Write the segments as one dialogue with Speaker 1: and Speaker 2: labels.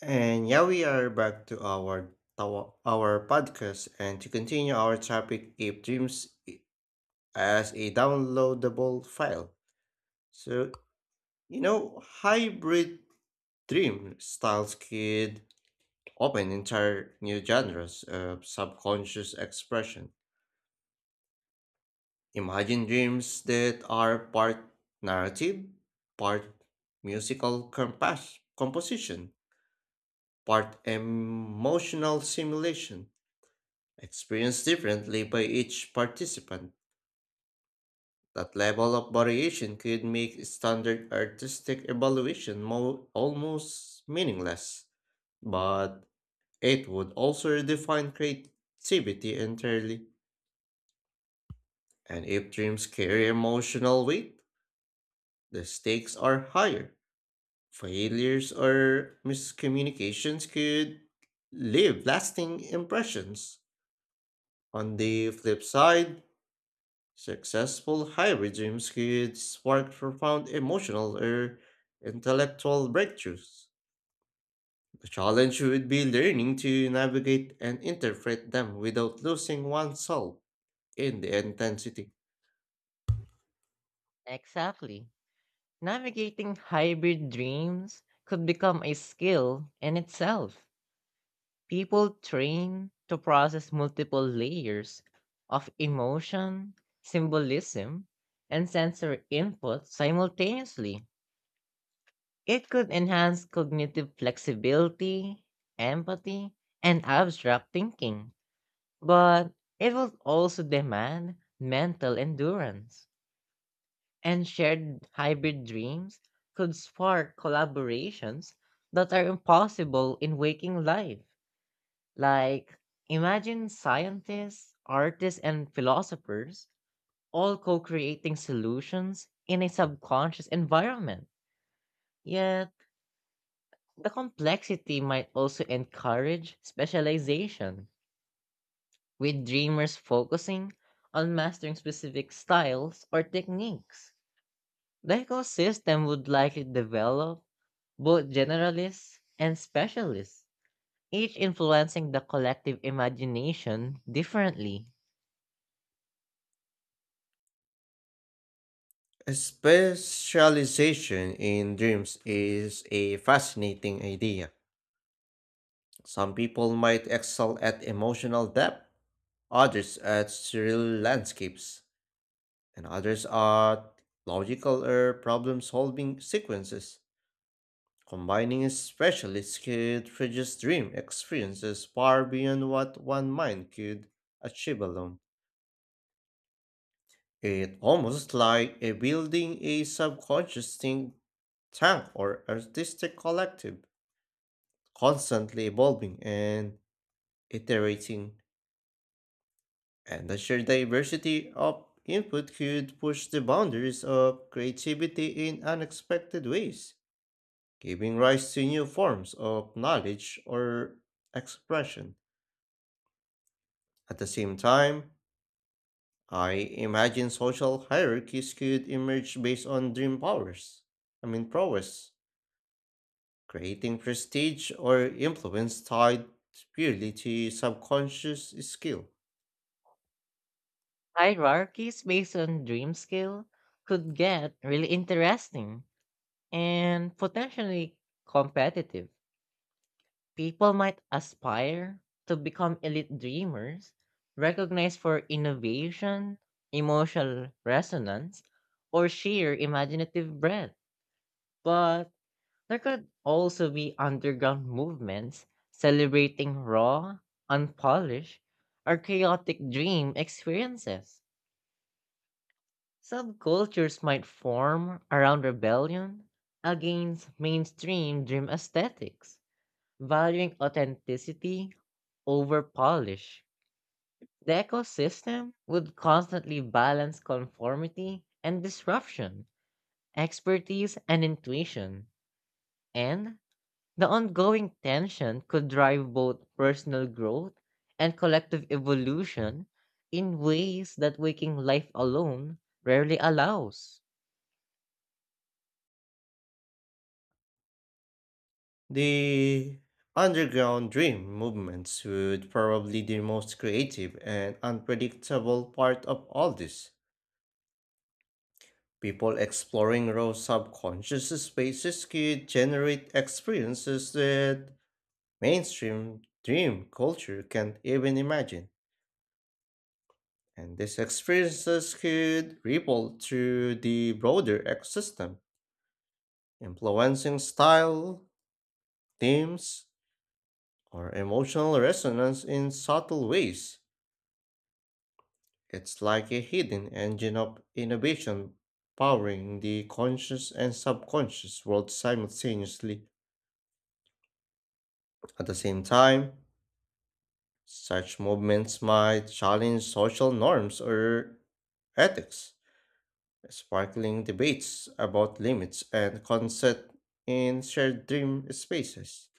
Speaker 1: And yeah, we are back to our our podcast and to continue our topic if dreams as a downloadable file. So, hybrid dream styles could open entire new genres of subconscious expression. Imagine dreams that are part narrative, part musical composition, part emotional simulation experienced differently by each participant. That level of variation could make standard artistic evaluation almost meaningless, but it would also redefine creativity entirely. And if dreams carry emotional weight, the stakes are higher. Failures or miscommunications could leave lasting impressions. On the flip side, successful high regime could spark profound emotional or intellectual breakthroughs. The challenge would be learning to navigate and interpret them without losing oneself in the intensity.
Speaker 2: Exactly. Navigating hybrid dreams could become a skill in itself. People train to process multiple layers of emotion, symbolism, and sensory input simultaneously. It could enhance cognitive flexibility, empathy, and abstract thinking, but it will also demand mental endurance. And shared hybrid dreams could spark collaborations that are impossible in waking life. Like, imagine scientists, artists, and philosophers all co creating solutions in a subconscious environment. Yet, the complexity might also encourage specialization, with dreamers focusing on mastering specific styles or techniques. The ecosystem would likely develop both generalists and specialists, each influencing the collective imagination differently.
Speaker 1: Specialization in dreams is a fascinating idea. Some people might excel at emotional depth, others at surreal landscapes, and others at logical or problem solving sequences. Combining specialists could produce dream experiences far beyond what one mind could achieve alone. It almost like a building a subconscious think tank or artistic collective, constantly evolving and iterating. And the sheer diversity of input could push the boundaries of creativity in unexpected ways, giving rise to new forms of knowledge or expression. At the same time, I imagine social hierarchies could emerge based on dream powers. I mean, prowess, creating prestige or influence tied purely to subconscious skill.
Speaker 2: Hierarchies based on dream scale could get really interesting and potentially competitive. People might aspire to become elite dreamers, recognized for innovation, emotional resonance, or sheer imaginative breadth. But there could also be underground movements celebrating raw, unpolished, or chaotic dream experiences. Subcultures might form around rebellion against mainstream dream aesthetics, valuing authenticity over polish. The ecosystem would constantly balance conformity and disruption, expertise and intuition, and the ongoing tension could drive both personal growth and collective evolution in ways that waking life alone rarely allows.
Speaker 1: The underground dream movements would probably the most creative and unpredictable part of all this. People exploring raw subconscious spaces could generate experiences that mainstream dream culture can't even imagine. And these experiences could ripple through the broader ecosystem, influencing style, themes, or emotional resonance in subtle ways. It's like a hidden engine of innovation powering the conscious and subconscious world simultaneously. At the same time, such movements might challenge social norms or ethics sparkling debates about limits and consent in shared dream spaces.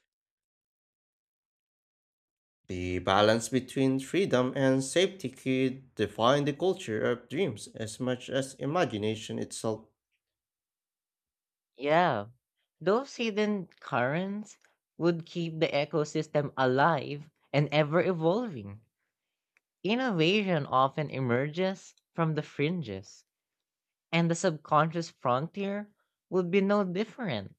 Speaker 1: The balance between freedom and safety could define the culture of dreams as much as imagination itself.
Speaker 2: Yeah, those hidden currents would keep the ecosystem alive and ever evolving. Innovation often emerges from the fringes, and the subconscious frontier would be no different.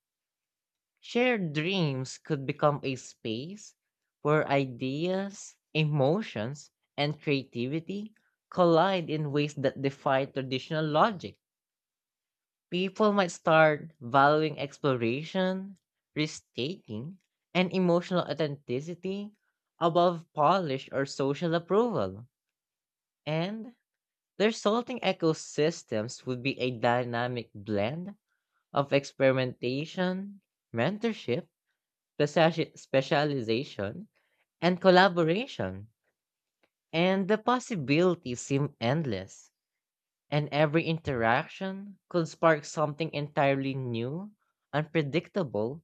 Speaker 2: Shared dreams could become a space where ideas, emotions, and creativity collide in ways that defy traditional logic. People might start valuing exploration, risk taking, and emotional authenticity above polish or social approval. And the resulting ecosystems would be a dynamic blend of experimentation, mentorship, specialization, and collaboration. And the possibilities seem endless, and every interaction could spark something entirely new, unpredictable,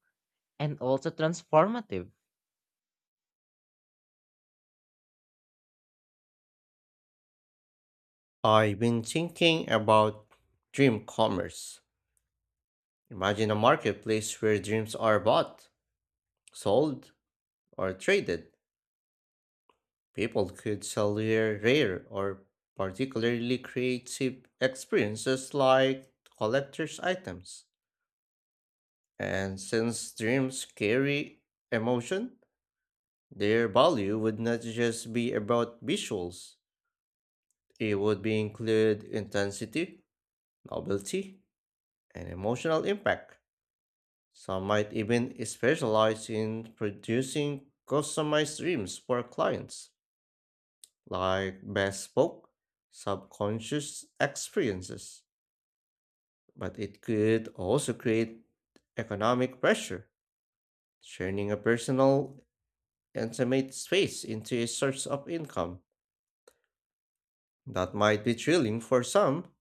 Speaker 2: and also transformative.
Speaker 1: I've been thinking about dream commerce. Imagine a marketplace where dreams are bought, sold, or traded. People could sell their rare or particularly creative experiences like collector's items. And since dreams carry emotion, their value would not just be about visuals, it would be include intensity, novelty, and emotional impact. Some might even specialize in producing customized dreams for clients, like bespoke subconscious experiences. But it could also create economic pressure, turning a personal and space into a source of income. That might be thrilling for some,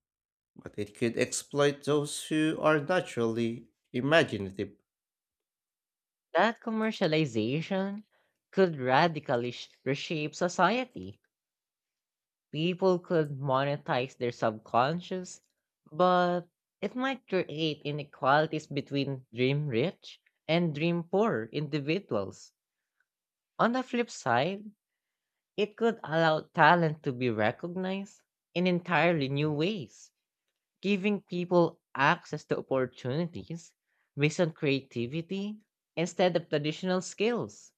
Speaker 1: but it could exploit those who are naturally imaginative,
Speaker 2: That commercialization could radically reshape society. People could monetize their subconscious, but it might create inequalities between dream rich and dream poor individuals. On the flip side, it could allow talent to be recognized in entirely new ways, giving people access to opportunities based on creativity instead of traditional skills.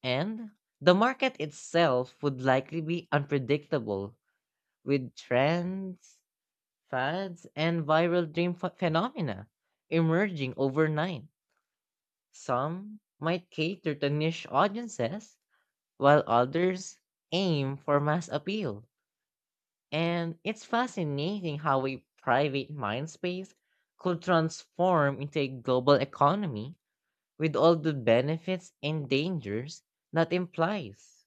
Speaker 2: And the market itself would likely be unpredictable with trends, fads, and viral dream phenomena emerging overnight. Some might cater to niche audiences while others aim for mass appeal. And it's fascinating how a private mind space could transform into a global economy with all the benefits and dangers that implies.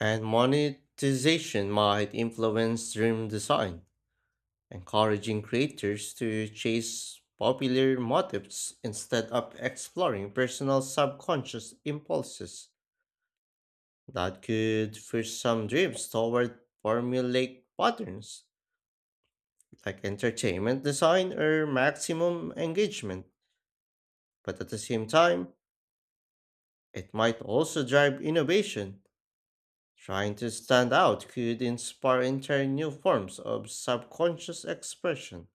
Speaker 1: and monetization might influence dream design, encouraging creators to chase popular motifs instead of exploring personal subconscious impulses. That could push some dreams toward formulaic patterns like entertainment design or maximum engagement, but at the same time, it might also drive innovation. Trying to stand out could inspire entire new forms of subconscious expression.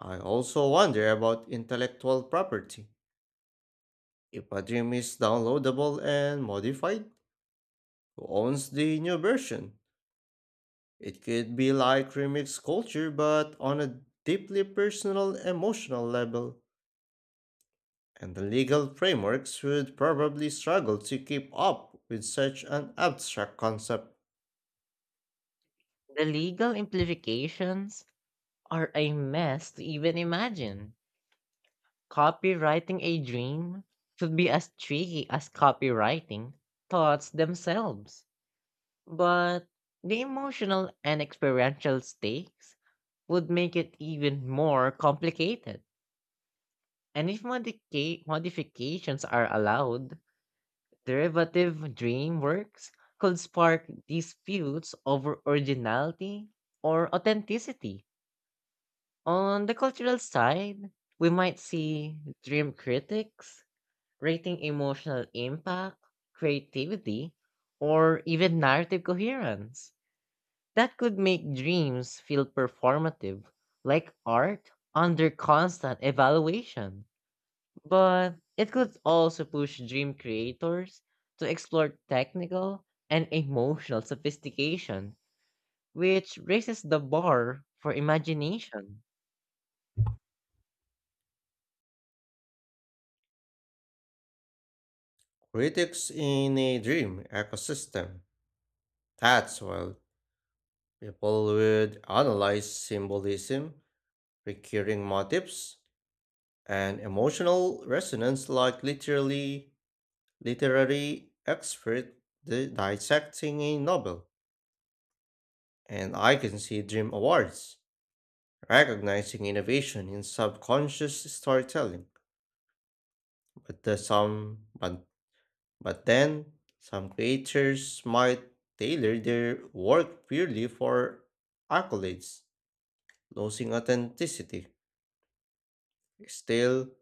Speaker 1: I also wonder about intellectual property. If a dream is downloadable and modified, who owns the new version? It could be like remix culture, but on a deeply personal, emotional level. And the legal frameworks would probably struggle to keep up with such an abstract concept.
Speaker 2: The legal implications are a mess to even imagine. Copywriting a dream should be as tricky as copywriting thoughts themselves. But the emotional and experiential stakes would make it even more complicated. And if modifications are allowed, derivative dream works could spark disputes over originality or authenticity. On the cultural side, we might see dream critics rating emotional impact, creativity, or even narrative coherence. That could make dreams feel performative, like art under constant evaluation. But it could also push dream creators to explore technical and emotional sophistication, which raises the bar for imagination.
Speaker 1: Critics in a dream ecosystem. That's well, people would analyze symbolism, recurring motifs, and emotional resonance like literally literary expert dissecting a novel. And I can see Dream Awards recognizing innovation in subconscious storytelling. But the some but But then, some creators might tailor their work purely for accolades, losing authenticity. Still,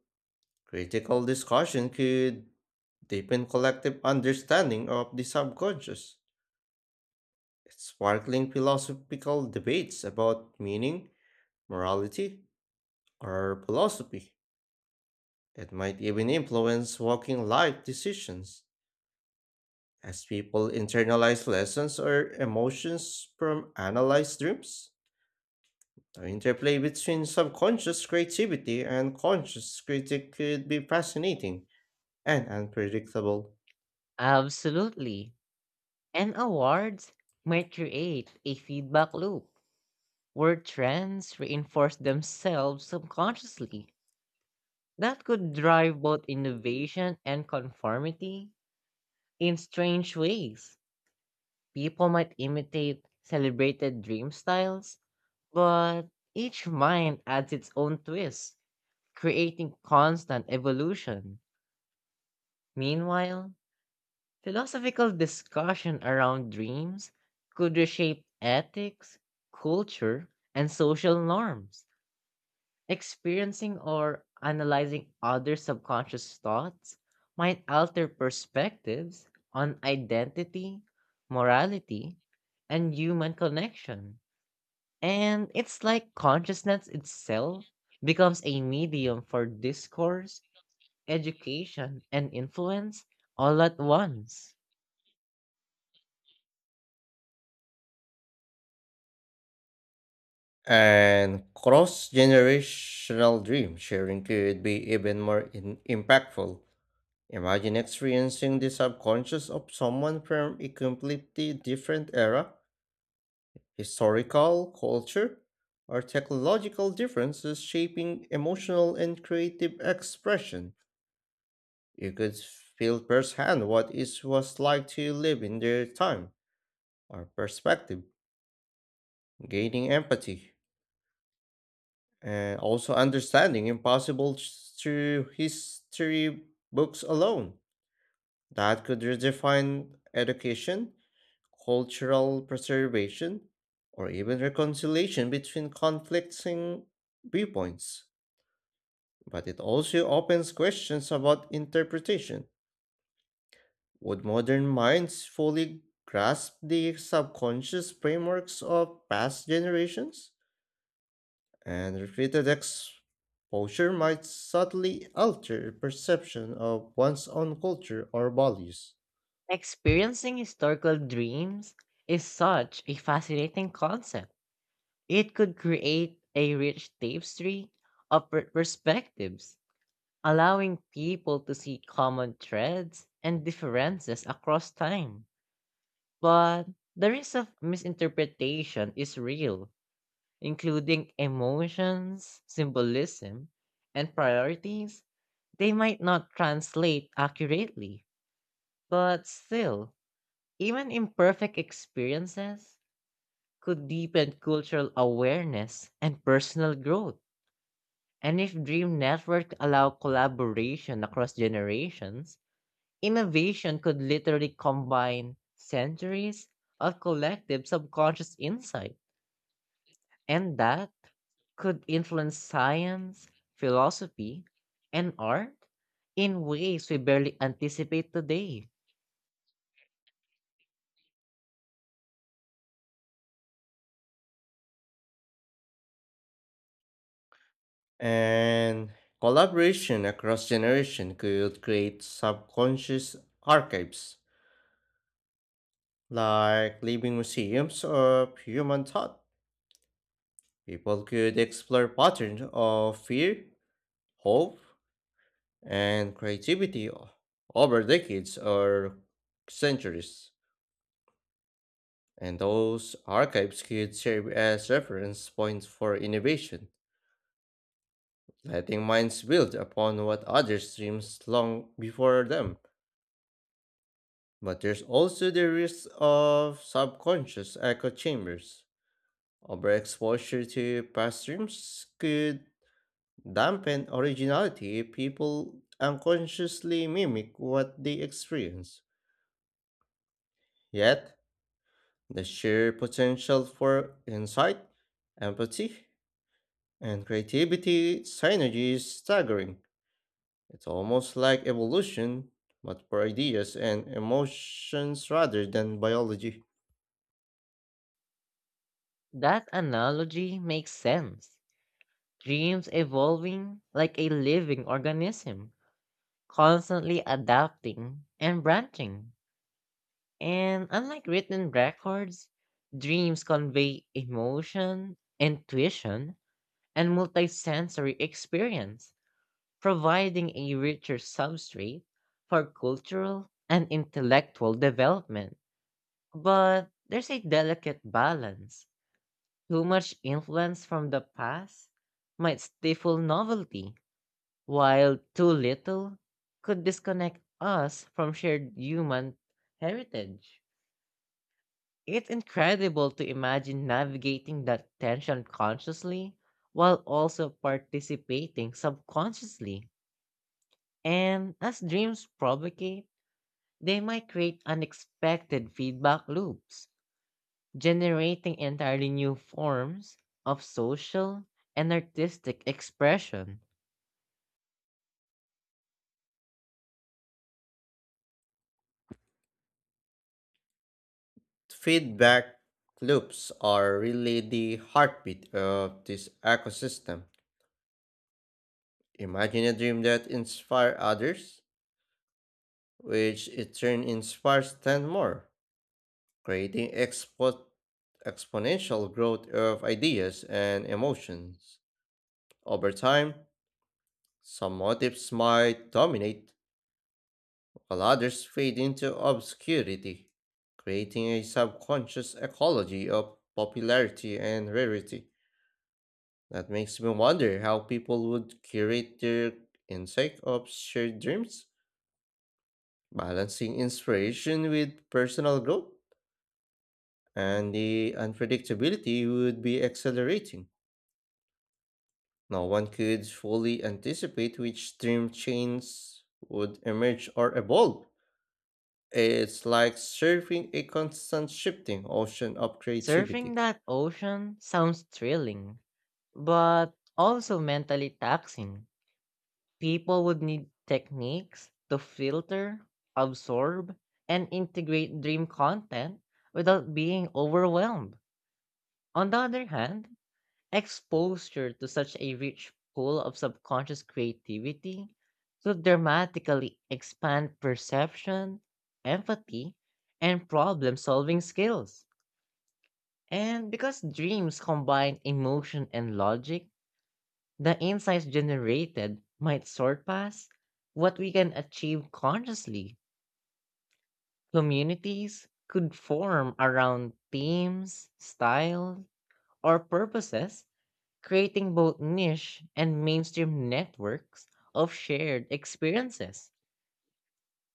Speaker 1: critical discussion could deepen collective understanding of the subconscious, sparkling philosophical debates about meaning, morality, or philosophy. It might even influence walking life decisions, as people internalize lessons or emotions from analyzed dreams. The interplay between subconscious creativity and conscious critique could be fascinating and unpredictable.
Speaker 2: Absolutely. And awards might create a feedback loop where trends reinforce themselves subconsciously. That could drive both innovation and conformity in strange ways. People might imitate celebrated dream styles, but each mind adds its own twist, creating constant evolution. Meanwhile, philosophical discussion around dreams could reshape ethics, culture, and social norms. Experiencing or analyzing other subconscious thoughts might alter perspectives on identity, morality, and human connection. And it's like consciousness itself becomes a medium for discourse, education, and influence all at once.
Speaker 1: And cross generational dream sharing could be even more impactful. Imagine experiencing the subconscious of someone from a completely different era, historical, culture, or technological differences shaping emotional and creative expression. You could feel firsthand what it was like to live in their time or perspective, gaining empathy and also understanding impossible through history books alone. That could redefine education, cultural preservation, or even reconciliation between conflicting viewpoints. But it also opens questions about interpretation. Would modern minds fully grasp the subconscious frameworks of past generations? And repeated exposure might subtly alter perception of one's own culture or values.
Speaker 2: Experiencing historical dreams is such a fascinating concept. It could create a rich tapestry of perspectives, allowing people to see common threads and differences across time. But the risk of misinterpretation is real, including emotions, symbolism, and priorities. They might not translate accurately, but still, even imperfect experiences could deepen cultural awareness and personal growth. And if dream networks allow collaboration across generations, innovation could literally combine centuries of collective subconscious insight. And that could influence science, philosophy, and art in ways we barely anticipate today.
Speaker 1: And collaboration across generation could create subconscious archives, like living museums of human thought. People could explore patterns of fear, hope, and creativity over decades or centuries. And those archives could serve as reference points for innovation, letting minds build upon what others dreamed long before them. But there's also the risk of subconscious echo chambers. Overexposure to past dreams could dampen originality if people unconsciously mimic what they experience. Yet, the sheer potential for insight, empathy, and creativity synergy is staggering. It's almost like evolution, but for ideas and emotions rather than biology.
Speaker 2: That analogy makes sense. Dreams evolving like a living organism, constantly adapting and branching. And unlike written records, dreams convey emotion, intuition, and multisensory experience, providing a richer substrate for cultural and intellectual development. But there's a delicate balance. Too much influence from the past might stifle novelty, while too little could disconnect us from shared human heritage. It's incredible to imagine navigating that tension consciously while also participating subconsciously. And as dreams provocate, they might create unexpected feedback loops, generating entirely new forms of social and artistic expression.
Speaker 1: Feedback loops are really the heartbeat of this ecosystem. Imagine a dream that inspires others, which in turn inspires 10 more, creating exponential growth of ideas and emotions. Over time, some motifs might dominate while others fade into obscurity, creating a subconscious ecology of popularity and rarity. That makes me wonder how people would curate their intake of shared dreams, balancing inspiration with personal growth, and the unpredictability would be accelerating. No one could fully anticipate which stream chains would emerge or evolve. It's like surfing a constant shifting ocean of
Speaker 2: Surfing
Speaker 1: creativity.
Speaker 2: that ocean sounds thrilling, but also mentally taxing. People would need techniques to filter, absorb, and integrate dream content without being overwhelmed. On the other hand, exposure to such a rich pool of subconscious creativity could dramatically expand perception, empathy, and problem solving skills. And because dreams combine emotion and logic, the insights generated might surpass what we can achieve consciously. Communities could form around themes, styles, or purposes, creating both niche and mainstream networks of shared experiences.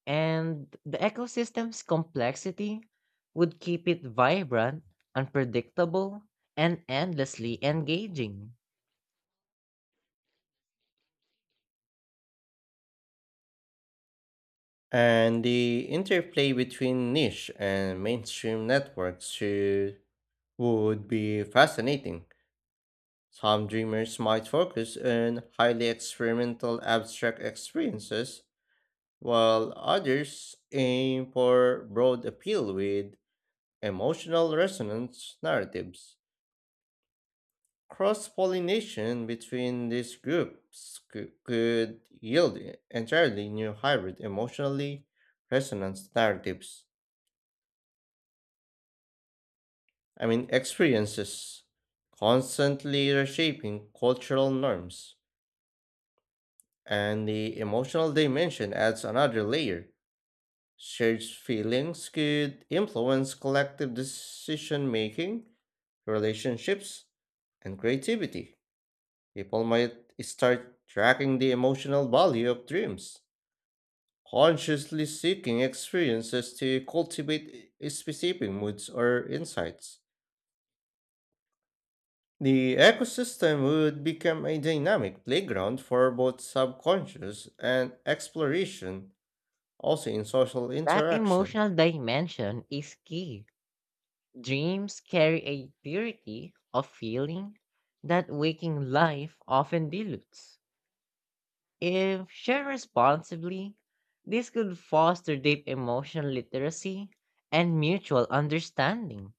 Speaker 2: And the ecosystem's complexity would keep it vibrant, unpredictable, and endlessly engaging.
Speaker 1: And the interplay between niche and mainstream networks would be fascinating. Some dreamers might focus on highly experimental abstract experiences, while others aim for broad appeal with emotional resonance narratives. Cross pollination between these groups could yield e, entirely new hybrid emotionally resonance narratives. I mean, experiences, constantly reshaping cultural norms. And the emotional dimension adds another layer. Shared feelings could influence collective decision making, relationships, and creativity. People might start tracking the emotional value of dreams, consciously seeking experiences to cultivate specific moods or insights. The ecosystem would become a dynamic playground for both subconscious and exploration, also in social
Speaker 2: That
Speaker 1: interaction.
Speaker 2: emotional dimension is key. Dreams carry a purity of feeling that waking life often dilutes. If shared responsibly, this could foster deep emotional literacy and mutual understanding.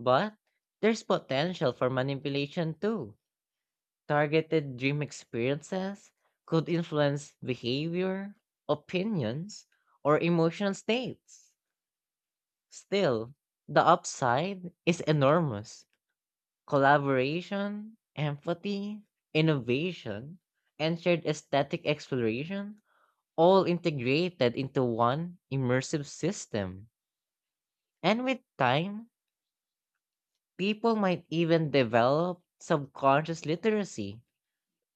Speaker 2: But there's potential for manipulation too. Targeted dream experiences could influence behavior, opinions, or emotional states. Still, the upside is enormous. Collaboration, empathy, innovation, and shared aesthetic exploration all integrated into one immersive system. And with time, people might even develop subconscious literacy,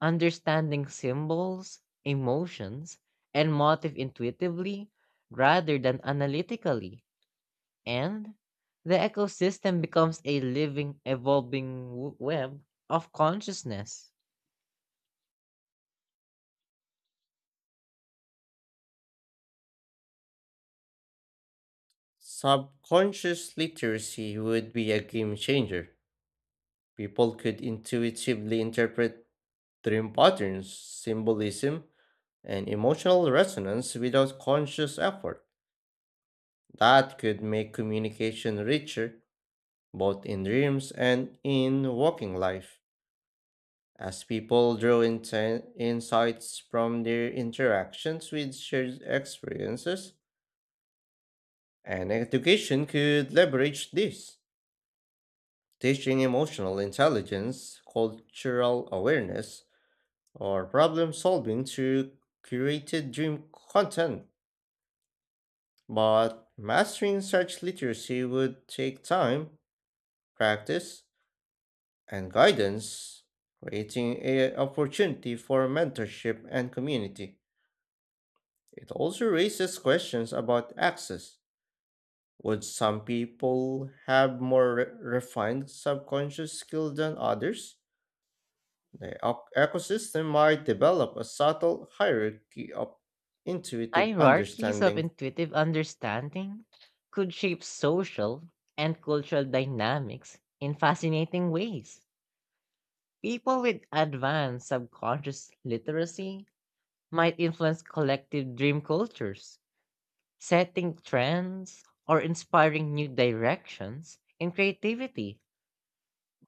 Speaker 2: understanding symbols, emotions, and motive intuitively rather than analytically. And the ecosystem becomes a living, evolving web of consciousness.
Speaker 1: Subconscious literacy would be a game changer. People could intuitively interpret dream patterns, symbolism, and emotional resonance without conscious effort. That could make communication richer, both in dreams and in waking life, as people draw insights from their interactions with shared experiences. And education could leverage this, teaching emotional intelligence, cultural awareness, or problem solving through curated dream content. But mastering such literacy would take time, practice, and guidance, creating a opportunity for mentorship and community. It also raises questions about access. Would some people have more refined subconscious skill than others? The ecosystem might develop a subtle hierarchy of intuitive
Speaker 2: Hierarchies of
Speaker 1: understanding,
Speaker 2: intuitive understanding could shape social and cultural dynamics in fascinating ways. People with advanced subconscious literacy might influence collective dream cultures, setting trends or inspiring new directions in creativity.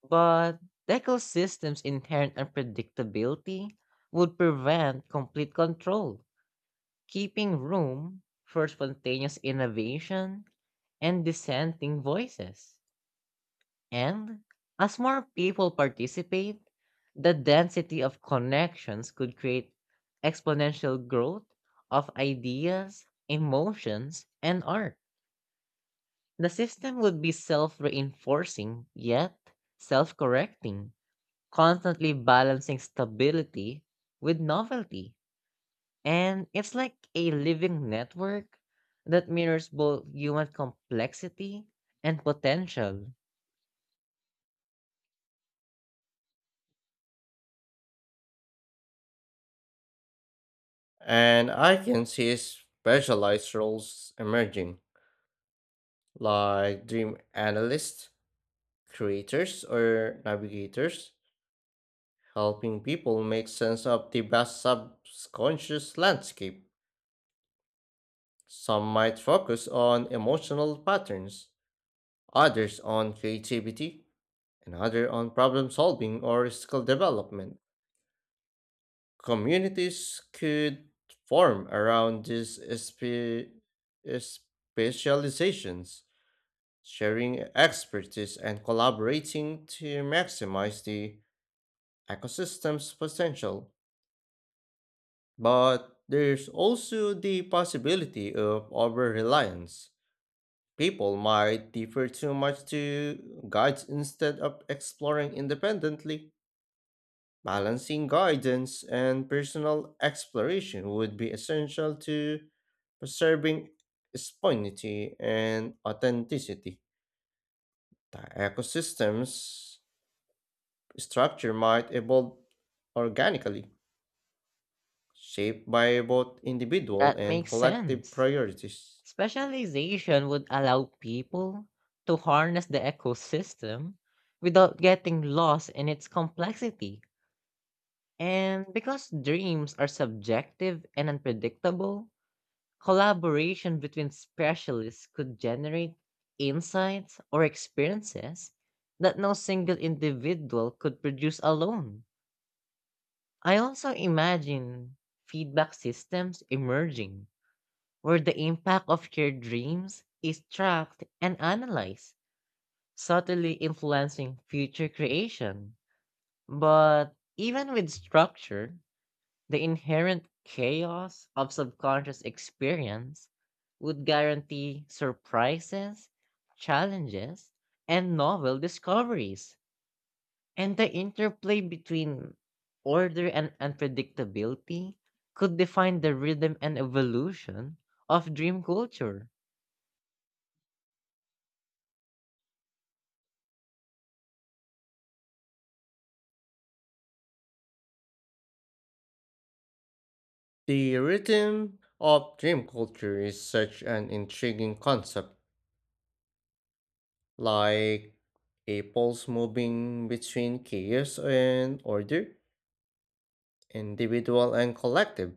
Speaker 2: But the ecosystem's inherent unpredictability would prevent complete control, keeping room for spontaneous innovation and dissenting voices. And as more people participate, the density of connections could create exponential growth of ideas, emotions, and art. The system would be self reinforcing, yet self correcting, constantly balancing stability with novelty. And it's like a living network that mirrors both human complexity and potential.
Speaker 1: and I can see specialized roles emerging like dream analysts, creators, or navigators, helping people make sense of the vast subconscious landscape. Some might focus on emotional patterns, others on creativity, and others on problem solving or skill development. Communities could form around these specializations, sharing expertise and collaborating to maximize the ecosystems potential, but there's also the possibility of over reliance. People might defer too much to guides instead of exploring independently. Balancing guidance and personal exploration would be essential to preserving spontaneity and authenticity. The ecosystem's structure might evolve organically shaped by both individual
Speaker 2: That
Speaker 1: and
Speaker 2: makes
Speaker 1: collective
Speaker 2: sense.
Speaker 1: priorities.
Speaker 2: Specialization would allow people to harness the ecosystem without getting lost in its complexity. And because dreams are subjective and unpredictable, collaboration between specialists could generate insights or experiences that no single individual could produce alone. I also imagine feedback systems emerging where the impact of your dreams is tracked and analyzed, subtly influencing future creation. But even with structure, the inherent chaos of subconscious experience would guarantee surprises, challenges, and novel discoveries. And the interplay between order and unpredictability could define the rhythm and evolution of dream culture.
Speaker 1: The rhythm of dream culture is such an intriguing concept, like a pulse moving between chaos and order, individual and collective,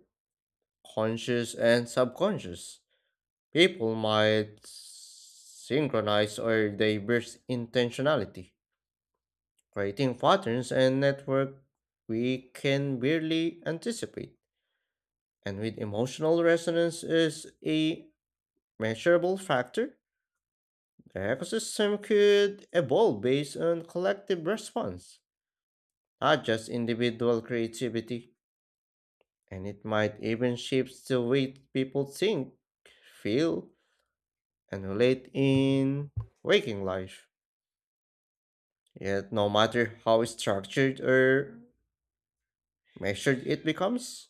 Speaker 1: conscious and subconscious. People might synchronize or diverse intentionality, creating patterns and network we can barely anticipate. And with emotional resonance is a measurable factor, the ecosystem could evolve based on collective response, not just individual creativity. And it might even shape the way people think, feel, and relate in waking life. Yet, no matter how structured or measured it becomes,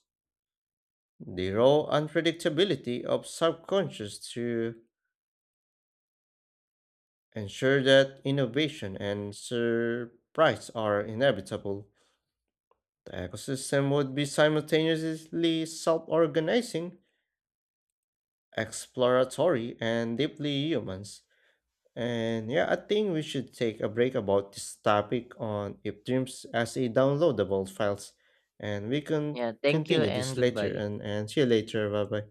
Speaker 1: the raw unpredictability of subconscious to ensure that innovation and surprise are inevitable. The ecosystem would be simultaneously self organizing, exploratory, and deeply humans. And yeah, I think we should take a break about this topic on if dreams as a downloadable files. And we can
Speaker 2: Yeah, thank you
Speaker 1: continue
Speaker 2: and
Speaker 1: this later
Speaker 2: goodbye.
Speaker 1: and see you later. Bye bye.